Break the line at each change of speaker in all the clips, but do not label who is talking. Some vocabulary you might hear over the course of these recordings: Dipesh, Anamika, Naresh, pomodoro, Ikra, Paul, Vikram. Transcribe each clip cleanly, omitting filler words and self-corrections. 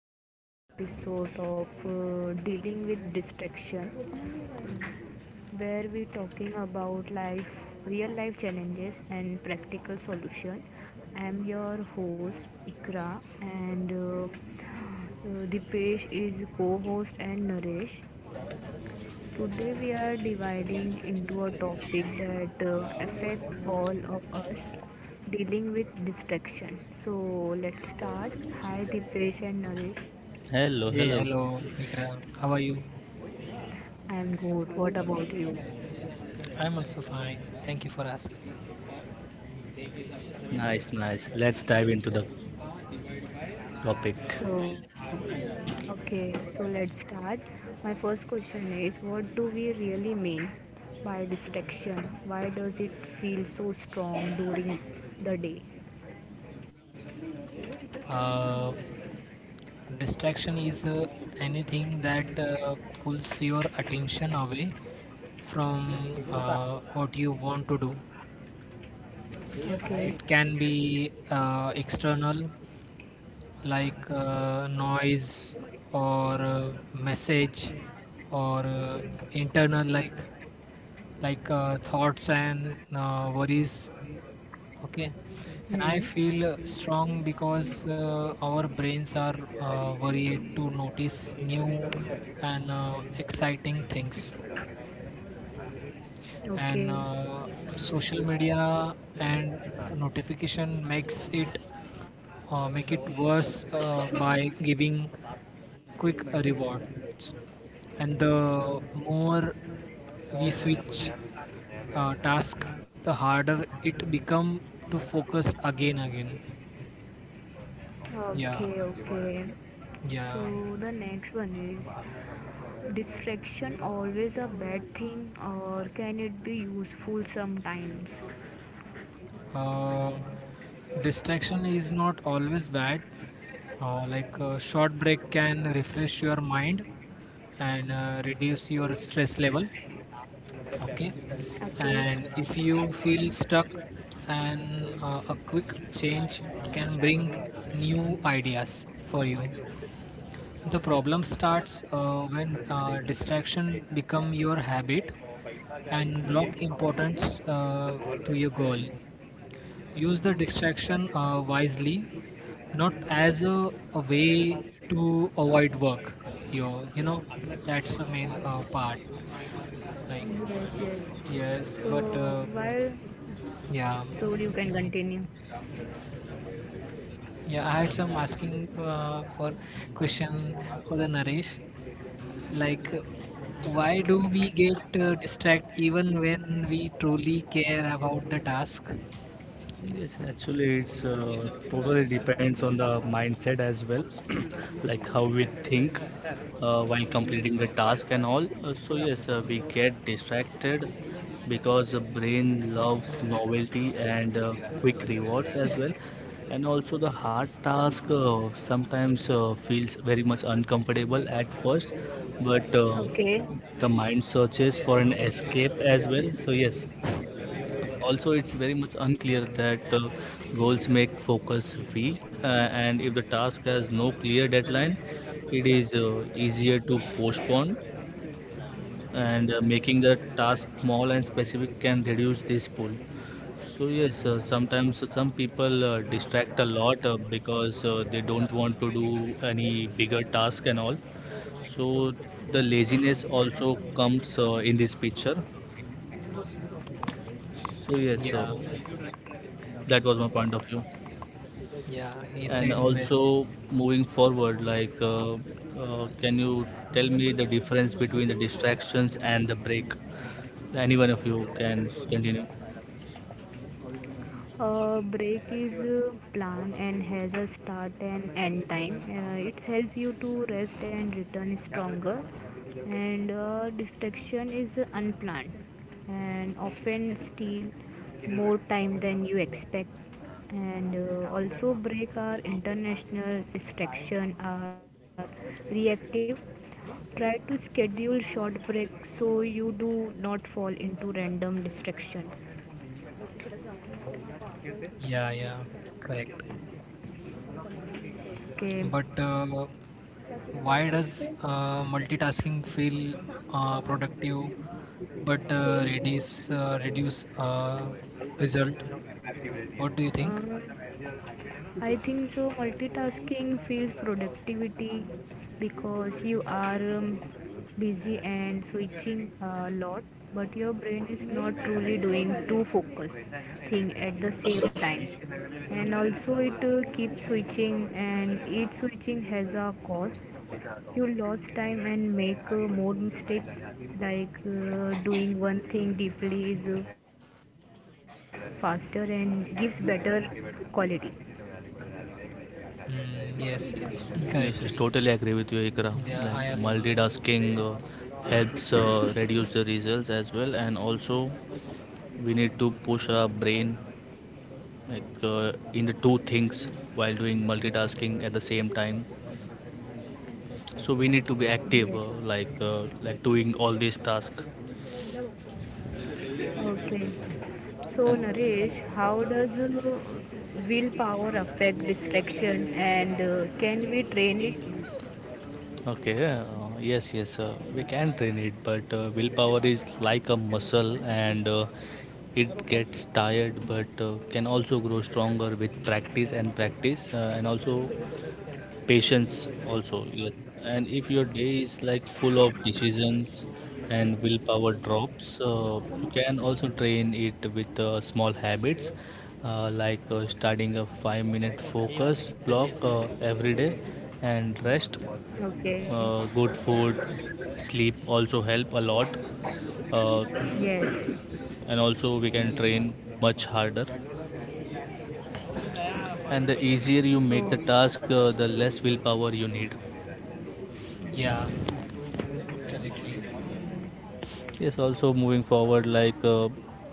to today episode of dealing with distraction where we talking about life real life challenges and practical solution. I am your host Ikra and Dipesh is co-host and Naresh. Today we are dividing into a topic that affect all of us dealing with distraction. So let's start. Hi Dipesh and Naresh.
Hello,
Hey,
hello.
hello, Vikram. How are you?
I'm good. What about you?
I'm also fine. Thank you for asking.
Nice, nice. Let's dive into the topic.
So, okay, so let's start. My first question is what do we really mean by distraction? Why does it feel so strong during the day?
Uh, Distraction is anything that pulls your attention away from what you want to do. It
Okay.
can be external, like noise or message, or internal, like thoughts and worries. Okay, and I
Hmm.
feel strong because our brains are worried to notice new and exciting things and
Okay.
social media and notification makes it, make it worse by giving quick rewards, and the more we switch task, the harder it become to focus again. Yeah,
Okay, okay. So
yeah.
the next one is distraction always a bad thing or can it be useful sometimes?
Uh, Distraction is not always bad. Like a short break can refresh your mind and reduce your stress level. Okay.
Okay.
And if you feel stuck, and a quick change can bring new ideas for you. The problem starts when distraction become your habit and block
Yes,
importance to your goal. Use the distraction wisely, not as a way to avoid work, you know that's the main part, like.
yes.
Yes, but
So while
yeah.
so you can continue.
Yeah, I had some asking for question for the Naresh, like, why do we get distract even when we truly care about the task?
Yes, actually, it's totally depends on the mindset as well, like how we think while completing the task and all. So yes, we get distracted because the brain loves novelty and quick rewards as well. And also the hard task sometimes feels very much uncomfortable at first, but
Okay.
the mind searches for an escape as well, so yes, also it's very much unclear that goals make focus weak, and if the task has no clear deadline, it is easier to postpone, and making the task small and specific can reduce this pull. So yes, sometimes some people distract a lot because they don't want to do any bigger task and all, so the laziness also comes in this picture. So yes,
Yeah.
that was my point of view.
Yeah, he
And
said well.
also moving forward, like, can you tell me the difference between the distractions and the break? Any one of you can continue.
A break is planned and has a start and end time. It helps you to rest and return stronger. And distraction is unplanned and often steal more time than you expect. And also break are international distraction are reactive. Try to schedule short breaks so you do not fall into random distractions.
Yeah, yeah, correct.
Okay.
But why does multitasking feel
Same
productive but
day.
reduce reduce result?
Active as you.
What do you
Ah.
think?
I think so. Multitasking feels productivity because you are busy and switching a lot, but your brain is not truly doing two focus thing at the same time. And also, it keeps switching, and each switching has a cost. You lose time and make more mistake. Like doing one thing deeply is faster and gives better quality.
Mm, yes, yes,
Yes, yes,
correctly.
totally agree with you, Ikra.
Yeah,
Like
I also.
multitasking helps reduce the results as well, and also we need to push our brain like in the two things while doing multitasking at the same time. So we need to be
Yes.
active, like doing all these tasks.
Okay. So,
And
Naresh, how does willpower affect distraction and can we train it?
okay, yes, yes, we can train it, but willpower is like a muscle, and it gets tired, but can also grow stronger with practice and practice, and also patience also, yes. And if your day is like full of decisions and willpower drops, you can also train it with small habits like starting a 5-minute focus block every day and rest.
Okay.
Good food, sleep also help a lot. Uh,
Yes.
and also we can train much harder, and the easier you
Oh,
make the task, the less willpower you need.
Yeah, correctly.
Yes, also moving forward, like uh,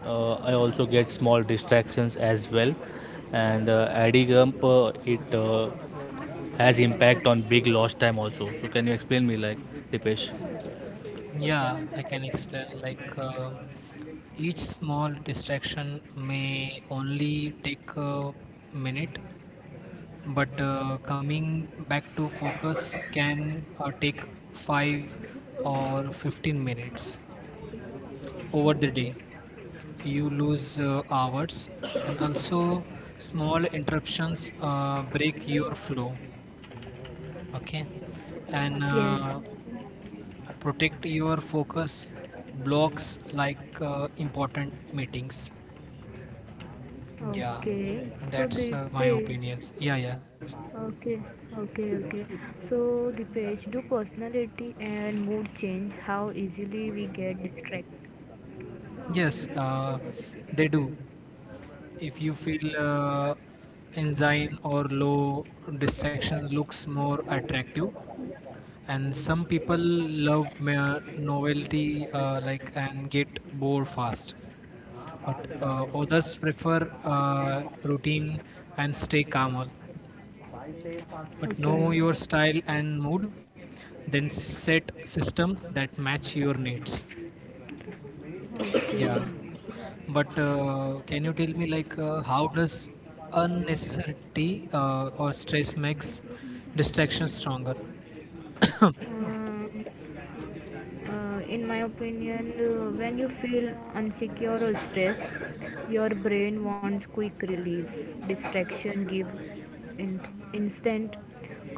uh, I also get small distractions as well, and adding up it has impact on big lost time also. So can you explain me, like, Dipesh?
Yeah, I can explain. Like each small distraction may only take a minute, but coming back to focus can take 5 or 15 minutes. Over the day you lose hours, and also small interruptions break your flow. Okay, and
yes.
uh, protect your focus blocks like important meetings. Yeah,
Okay. So,
that's my
Dipesh.
opinions. Yeah, yeah.
Okay. Okay. Okay. So, Dipesh, do personality and mood change? How easily we get distracted?
Yes, they do. If you feel enzyme or low, distraction looks more attractive. And some people love mere novelty, like, and get bored fast. But others prefer routine and stay calmer. But know
Okay.
your style and mood, then set system that match your needs.
Okay.
Yeah, but can you tell me like how does unnecessity or stress makes distraction stronger?
Um, in my opinion, when you feel insecure or stressed, your brain wants quick relief. Distraction give instant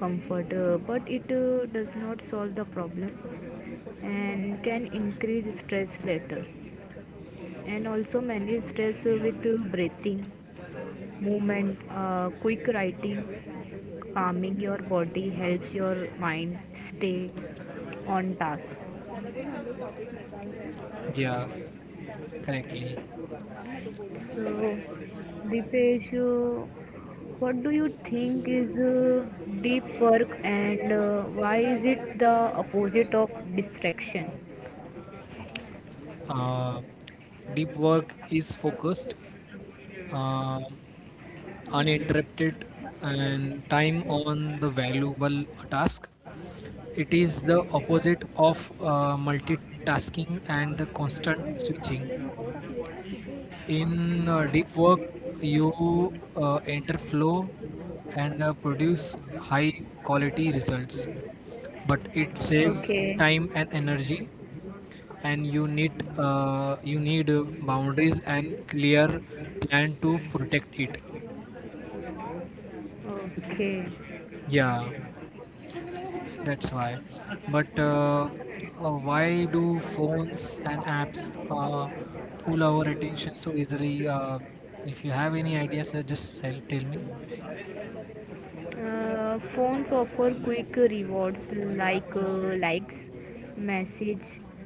comfort, but it does not solve the problem and can increase stress later. And also manage stress with breathing, movement, quick writing, calming your body helps your mind stay on task.
Yeah, correctly.
So, Dipesh, what do you think is deep work and why is it the opposite of distraction?
Uh, Deep work is focused, uh, uninterrupted, and time on the valuable task. It is the opposite of multitasking and the constant switching. In deep work, you enter flow and produce high quality results, but it saves
Okay,
time and energy, and you need boundaries and clear plan to protect it.
okay.
Yeah, that's why. But why do phones and apps pull our attention so easily? If you have any ideas, just tell me.
Phones offer quick rewards like likes, message,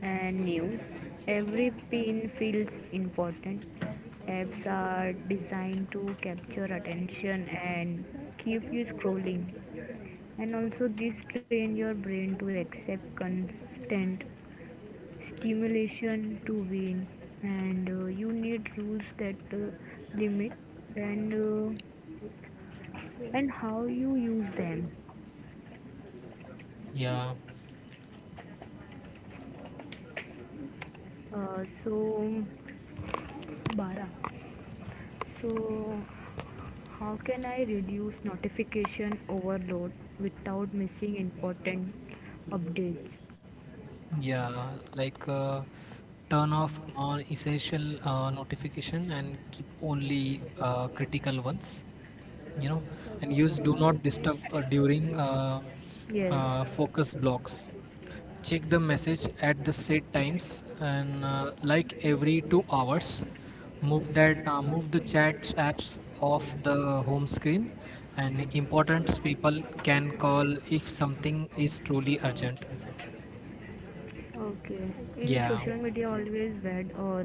and news. Every pin feels important. Apps are designed to capture attention and keep you scrolling. And also this train your brain to accept constant stimulation to win and you need rules that limit and uh, and how you use them
Yeah.
so bara so how can I reduce notification overload without missing important updates.
Yeah, like turn off non-essential notification and keep only critical ones. You know, and use do not disturb uh, during uh,
Yes.
uh, focus blocks. Check the message at the set times and like every 2 hours. Move the chats apps off the home screen, and important people can call if something is truly urgent.
Okay. In social
Yeah.
media, always bad, or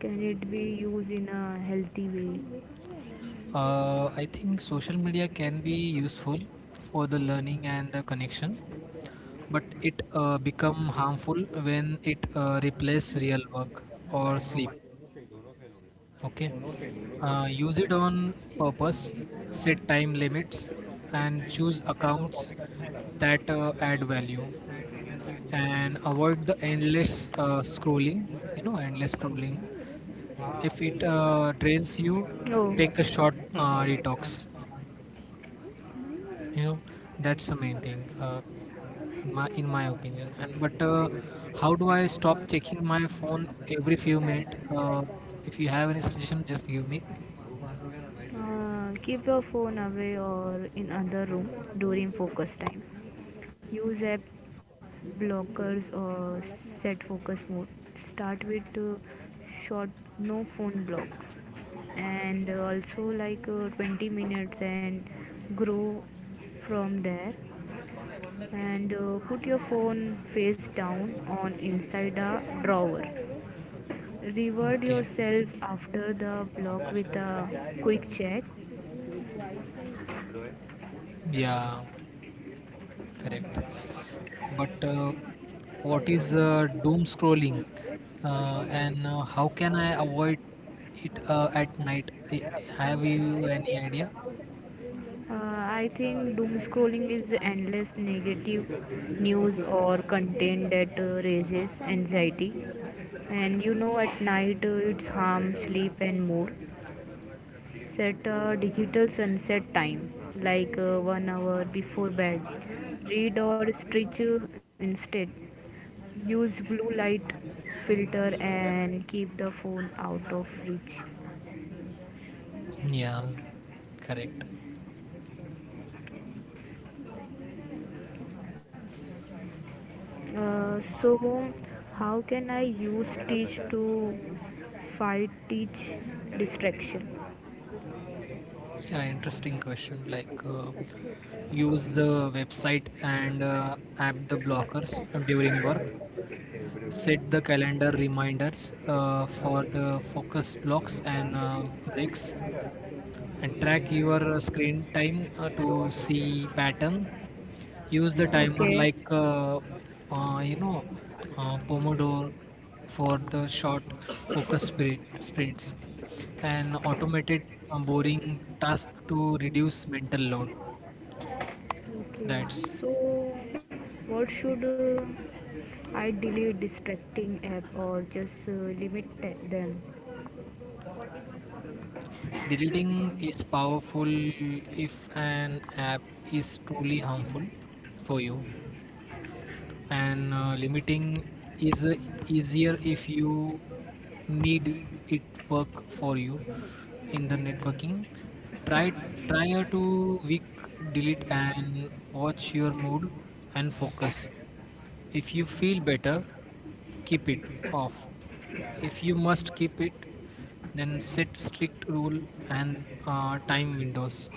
can it be used in a healthy way?
I think social media can be useful for the learning and the connection, but it become harmful when it replace real work or sleep. Okay, use it on purpose, set time limits, and
Oh,
choose accounts that add value, and avoid the endless scrolling. You know, endless scrolling. If it drains you, take a short detox, you know. That's the main thing, my in my opinion. And but uh, how do I stop checking my phone every few minutes? If you have any suggestion, just give me.
keep your phone away or in other room during focus time. Use app blockers or set focus mode. Start with short no phone blocks and also like 20 minutes and grow from there and put your phone face down on inside a drawer, reward
Okay,
yourself after the block with a quick check.
yeah, correct. But what is doom scrolling, and how can I avoid it at night? Have you any idea?
Uh, I think doom scrolling is endless negative news or content that raises anxiety. And you know, at night it's harm, sleep, and more. Set a digital sunset time, like 1 hour before bed. Read or stretch instead. Use blue light filter and keep the phone out of reach.
Yeah, correct.
So how can I use teach to fight teach distraction?
Yeah, interesting question. Like, use the website and app the blockers during work. Set the calendar reminders for the focus blocks and breaks, and track your screen time to see pattern. Use the timer
Okay.
like you know pomodoro for the short focus sprints and automated boring task to reduce mental load.
Okay,
That's—
so what should I delete distracting app or just limit them?
deleting is powerful if an app is truly harmful for you, and limiting is easier if you need it. Work for you in the networking, try prior to week delete, and watch your mood and focus. If you feel better, keep it off. If you must keep it, then set strict rule and time windows.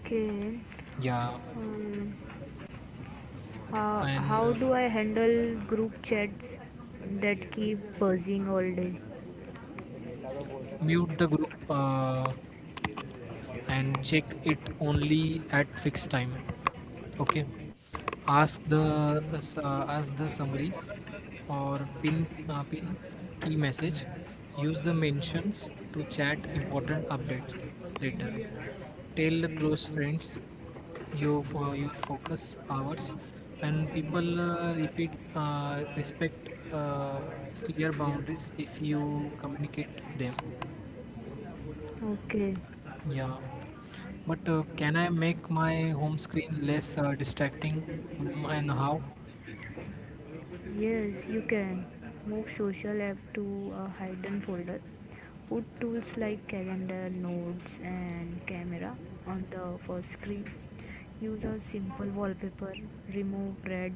Okay,
Yeah.
um,
and
how do I handle group chats that keep buzzing all day?
Mute the group and check it only at fixed time. Okay. Ask the ask the summaries or pin key message. Use the mentions to chat important updates later. Tell the close friends your for your focus hours, and people repeat respect clear boundaries if you communicate them.
Okay.
Yeah. But can I make my home screen less distracting? Mm, and how?
Yes, you can. Move social app to a hidden folder. Put tools like calendar, notes, and camera on the first screen. Use a simple wallpaper. Remove red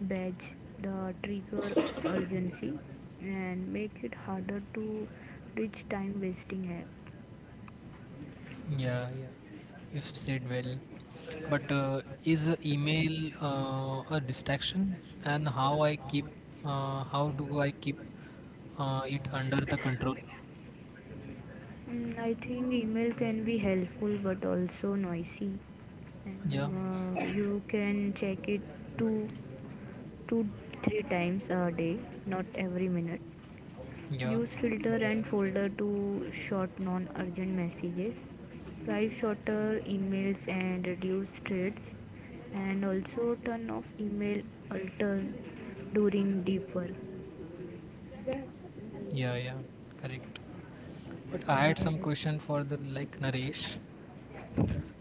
badge, the trigger urgency, and make it harder to reach time wasting app.
Yeah, yeah, you've said well. But is email a distraction? And how I keep, how do I keep it under the control?
Mm, I think email can be helpful but also noisy
Yeah,
and you can check it too 2, 3 times a day, not every minute.
yeah,
Use filter and folder to sort non-urgent messages, write shorter emails and reduce threads, and also turn off email alert during deep work.
yeah, yeah, correct. But I had some question for the like Naresh.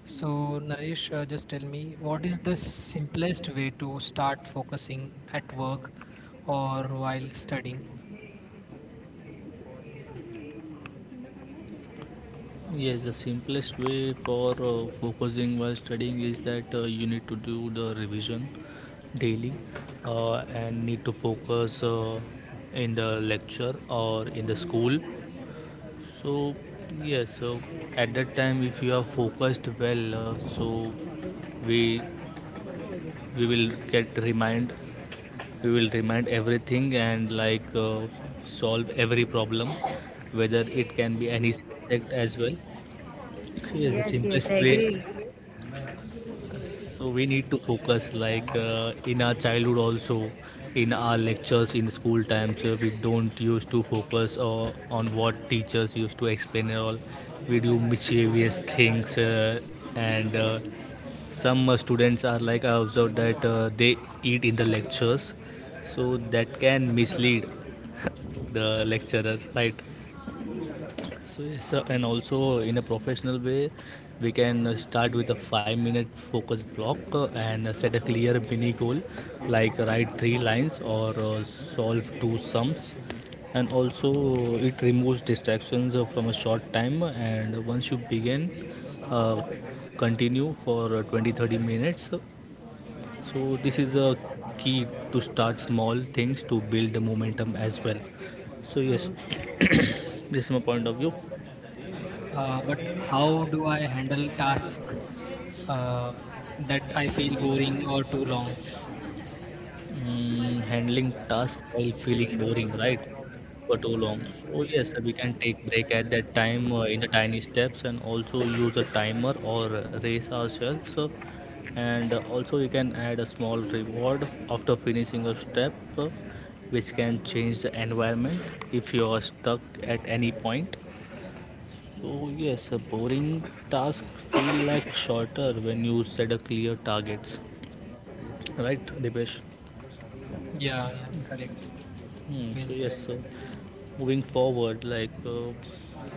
So, Naresh, just tell me, what is the simplest way to start focusing at work or while studying?
Yes, the simplest way for focusing while studying is that you need to do the revision daily, and need to focus in the lecture or in the school. So yes, so at that time, if you are focused well, so we we will get remind, we will remind everything and like solve every problem, whether it can be any subject as well. So yes, the
Yes, yes,
simplest
I
way.
agree.
So we need to focus like in our childhood also, in our lectures in school times. We don't used to focus on what teachers used to explain and all. We do mischievous things, and some students are like, I observed that they eat in the lectures, so that can mislead the lecturer, right? So yes, sir, and also in a professional way, we can start with a 5-minute focus block and set a clear mini goal, like write three lines or solve two sums. And also, it removes distractions from a short time. And once you begin, uh, continue for 20 30 minutes. So this is a key to start small things to build the momentum as well. So yes,
Uh,
this is my point of view.
But how do I handle tasks uh, that I feel boring or too long?
Mm, handling task while feeling boring, right? For too long. Oh yes, we can take break at that time in the tiny steps, and also use a timer or race ourselves. And also you can add a small reward after finishing a step, which can change the environment if you are stuck at any point. So yes, a boring task feel like shorter when you set a clear targets, right, Dipesh?
Yeah, yeah, correct.
Hmm, so
Well said.
yes. Moving forward, like,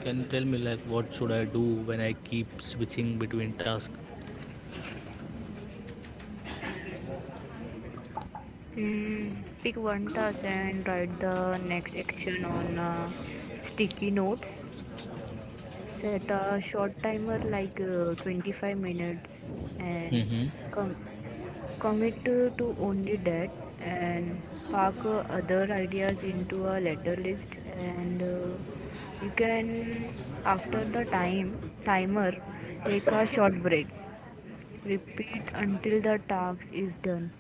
can you tell me like what should I do when I keep switching between tasks?
mm, pick one task and write the next action on sticky notes, set a short timer like 25 minutes and
Mm-hmm.
com- commit to only that and park other ideas into a later list and you can after the time timer take a short break, repeat until the task is done.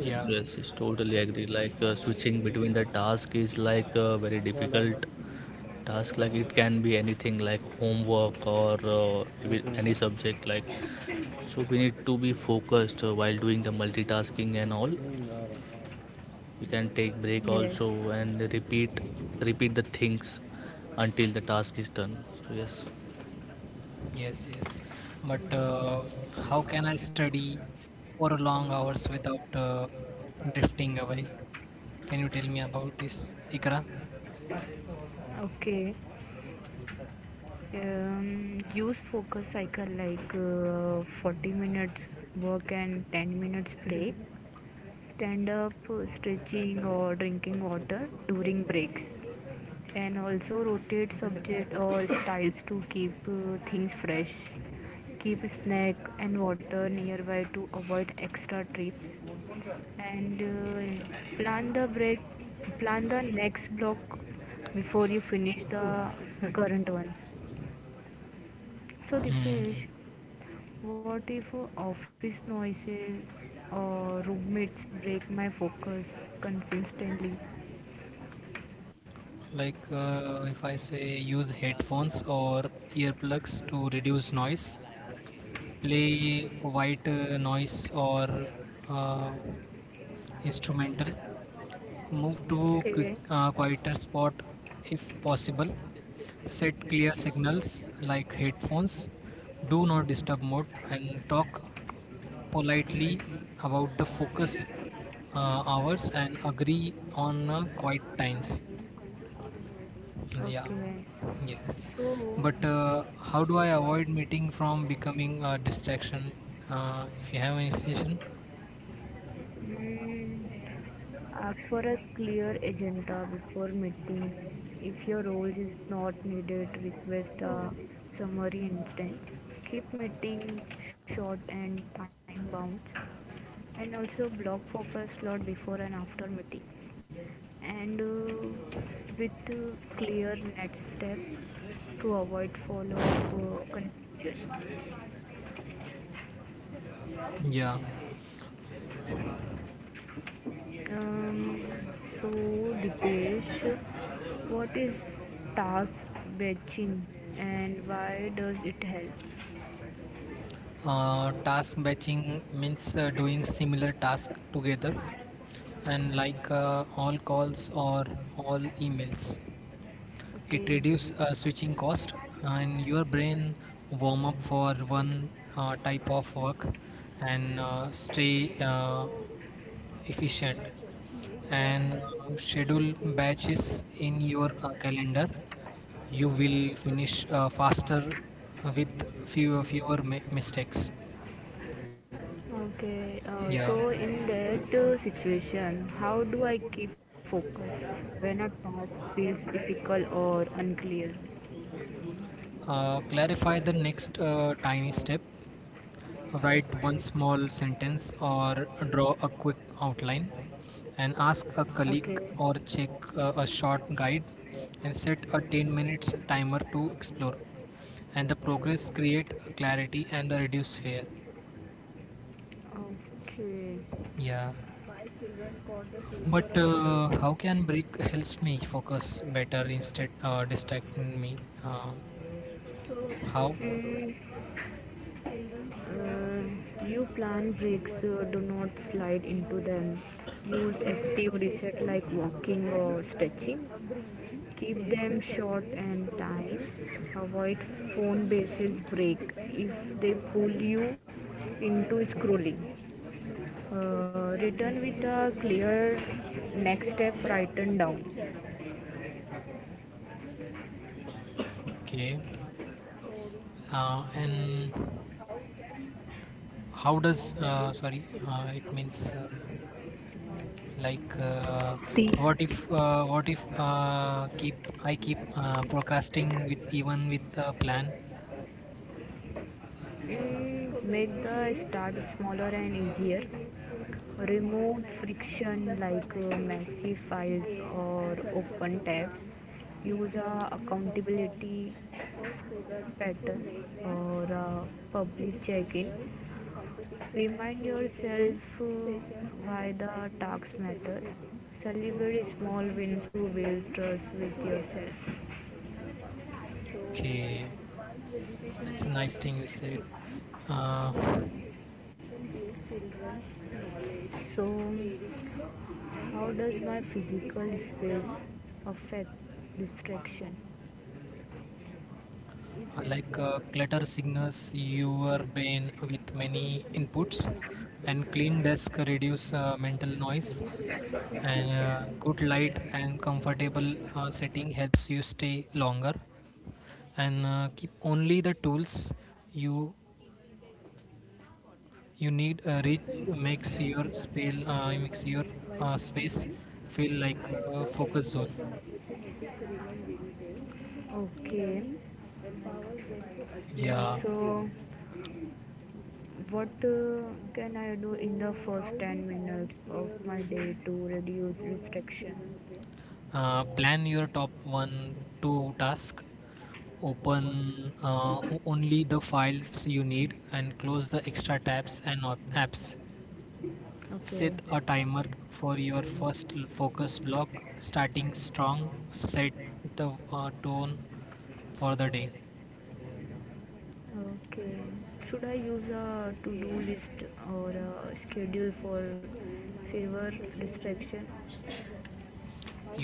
Yeah,
yes, totally agree. Like switching between the task is like a very difficult task. Like it can be anything like homework or any subject. Like so, we need to be focused while doing the multitasking and all. We can take break
Yes.
also and repeat the things until the task is done. So yes.
yes, yes. But how can I study for long hours without drifting away? Can you tell me about this, Ikra?
Okay. Use focus cycle like 40 minutes work and 10 minutes play. Stand up, stretching, or drinking water during breaks. And also rotate subject or styles to keep things fresh. Keep snack and water nearby to avoid extra trips. And plan the break, plan the next block before you finish the current one. So,
Hmm. Hmm.
Dipesh, what if office noises or roommates break my focus consistently?
Like if I say use headphones or earplugs to reduce noise, play white noise or uh, instrumental, move to
Okay.
quieter spot if possible, set clear signals like headphones, do not disturb mode, and talk politely about the focus hours and agree on quiet times. Yeah,
Okay.
yes.
So,
But how do I avoid meeting from becoming a distraction? If you have any suggestion?
mm, ask for a clear agenda before meeting. If your role is not needed, request a summary instead. Keep meetings short and time bound. And also block focus slot before and after meetings. And with clear next step to avoid follow up confusion.
Yeah.
Um, so, Dipesh, what is task batching and why does it help?
Task batching means doing similar task together, and like all calls or all emails. It reduces
Okay,
switching cost, and your brain warm up for one type of work and stay efficient. And schedule batches in your calendar, you will finish faster with fewer mistakes.
okay.
Yeah.
So, in that situation, how do I keep focus when a task feels difficult or unclear?
Clarify the next tiny step, write one small sentence or draw a quick outline, and ask a
Okay,
colleague or check a short guide, and set a 10 minutes timer to explore, and the progress create clarity and the reduce fear.
okay.
Yeah.
My children caught the future
But
of the
how can break helps me focus better instead distracting me? How?
and you plan breaks, do not slide into them, use active reset like walking or stretching, keep them short and tight, avoid phone basis break if they pull you into scrolling. Return with a clear next step written down.
Okay. And how does? Sorry. It means like
Three,
what if? What if keep I keep procrastinating with, even with a plan?
mm, make the start smaller and easier. Removed friction like massive files or open tabs. Use a accountability pattern or a public check-in. Remind yourself why the tasks matter. Celebrate small wins to build trust with yourself.
Okay, that's a nice thing you said. Uh,
So, how does my physical space affect distraction?
Like clutter signals your brain with many inputs, and clean desk reduce mental noise, and good light and comfortable setting helps you stay longer, and keep only the tools you you need reach makes your space feel like a focus zone.
Okay,
Yeah.
so what can I do in the first 10 minutes of my day to reduce restriction?
Plan your top one, two task. Open only the files you need and close the extra tabs and apps.
Okay.
Set a timer for your first focus block. Starting strong, set the tone for the day.
Okay. Should I use a to-do list or a schedule for favor distraction?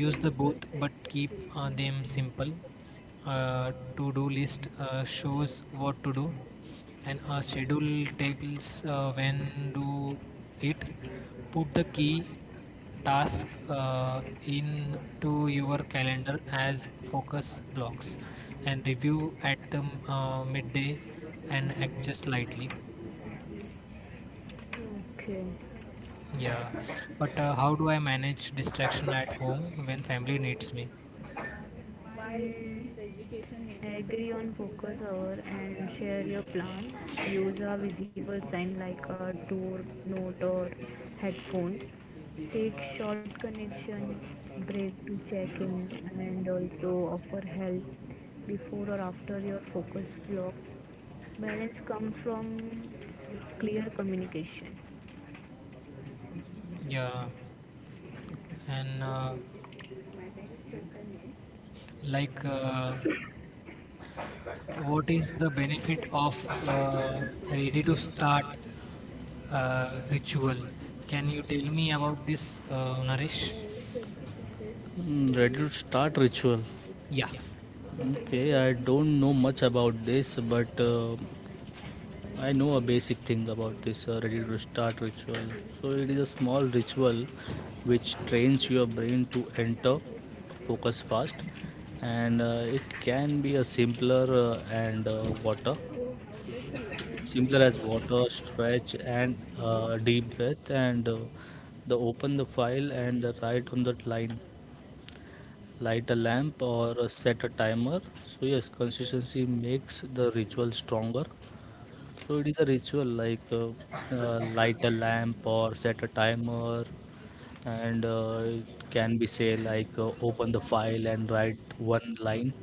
Use the both but keep them simple. To do list shows what to do and a schedule tells when do it. Put the key task in your calendar as focus blocks and review at the midday and adjust slightly.
Okay.
Yeah, but how do I manage distraction at home when family needs me?
Agree on focus hour and share your plan. Use a visible sign like a door
uh,
note or headphone. Take short connection break to check in and also offer help before or after your focus block. Balance comes from clear communication.
Yeah, and
Okay? This is my next question.
like, what is the benefit of uh, ready to start uh, ritual? Can you tell me about this, Naresh?
Mm, Reddit start ritual.
Yeah.
Okay, I don't know much about this, but I know a basic thing about this Reddit start ritual. So it is a small ritual which trains your brain to enter, focus fast, and it can be a simpler and water, simpler as water, stretch and deep breath, and the open the file and the write on that line. Light a lamp or set a timer. So yes, consistency makes the ritual stronger. So it is a ritual like light a lamp or set a timer, and it can be say like open the file and write one line.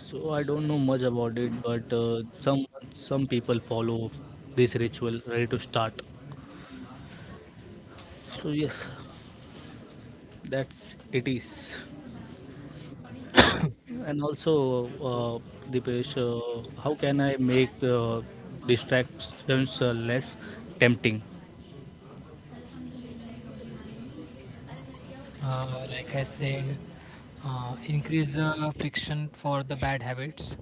So I don't know much about it, but some people follow this ritual ready to start. So yes, that's it is. And also, Dipesh, how can I make distractions less tempting?
Uh, like I said, increase the friction for the bad habits,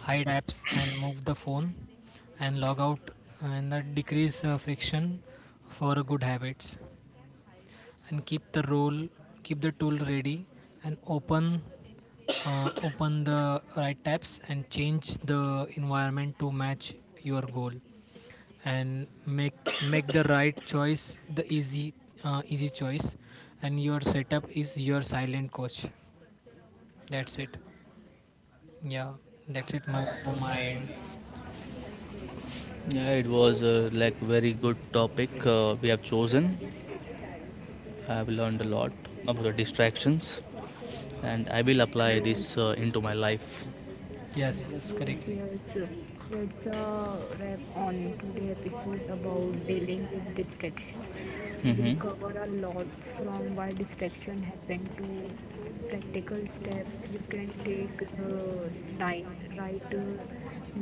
hide apps and move the phone, and log out, and that decrease friction for good habits, and keep the role, keep the tool ready, and open, open the right tabs, and change the environment to match your goal and make the right choice the easy, easy choice. And your setup is your silent coach. That's it. Yeah, that's it, my, from my end.
Yeah, it was like very good topic we have chosen. I have learned a lot about the distractions, and I will apply this
Yes.
into my life.
Yes, yes, correctly.
Yes, yes. That's a wrap on today' episode about dealing with distraction. We
Mm-hmm.
cover a lot from why distraction happen to practical steps you can take nine, right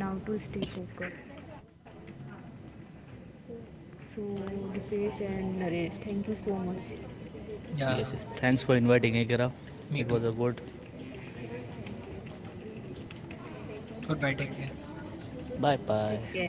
now to stay focused. So, Dipesh and Naresh, thank you so much.
Yeah,
Yes, yes. Thanks for inviting, Ikera.
me
It
too.
was a good.
Goodbye, take care.
Bye bye.
Take care.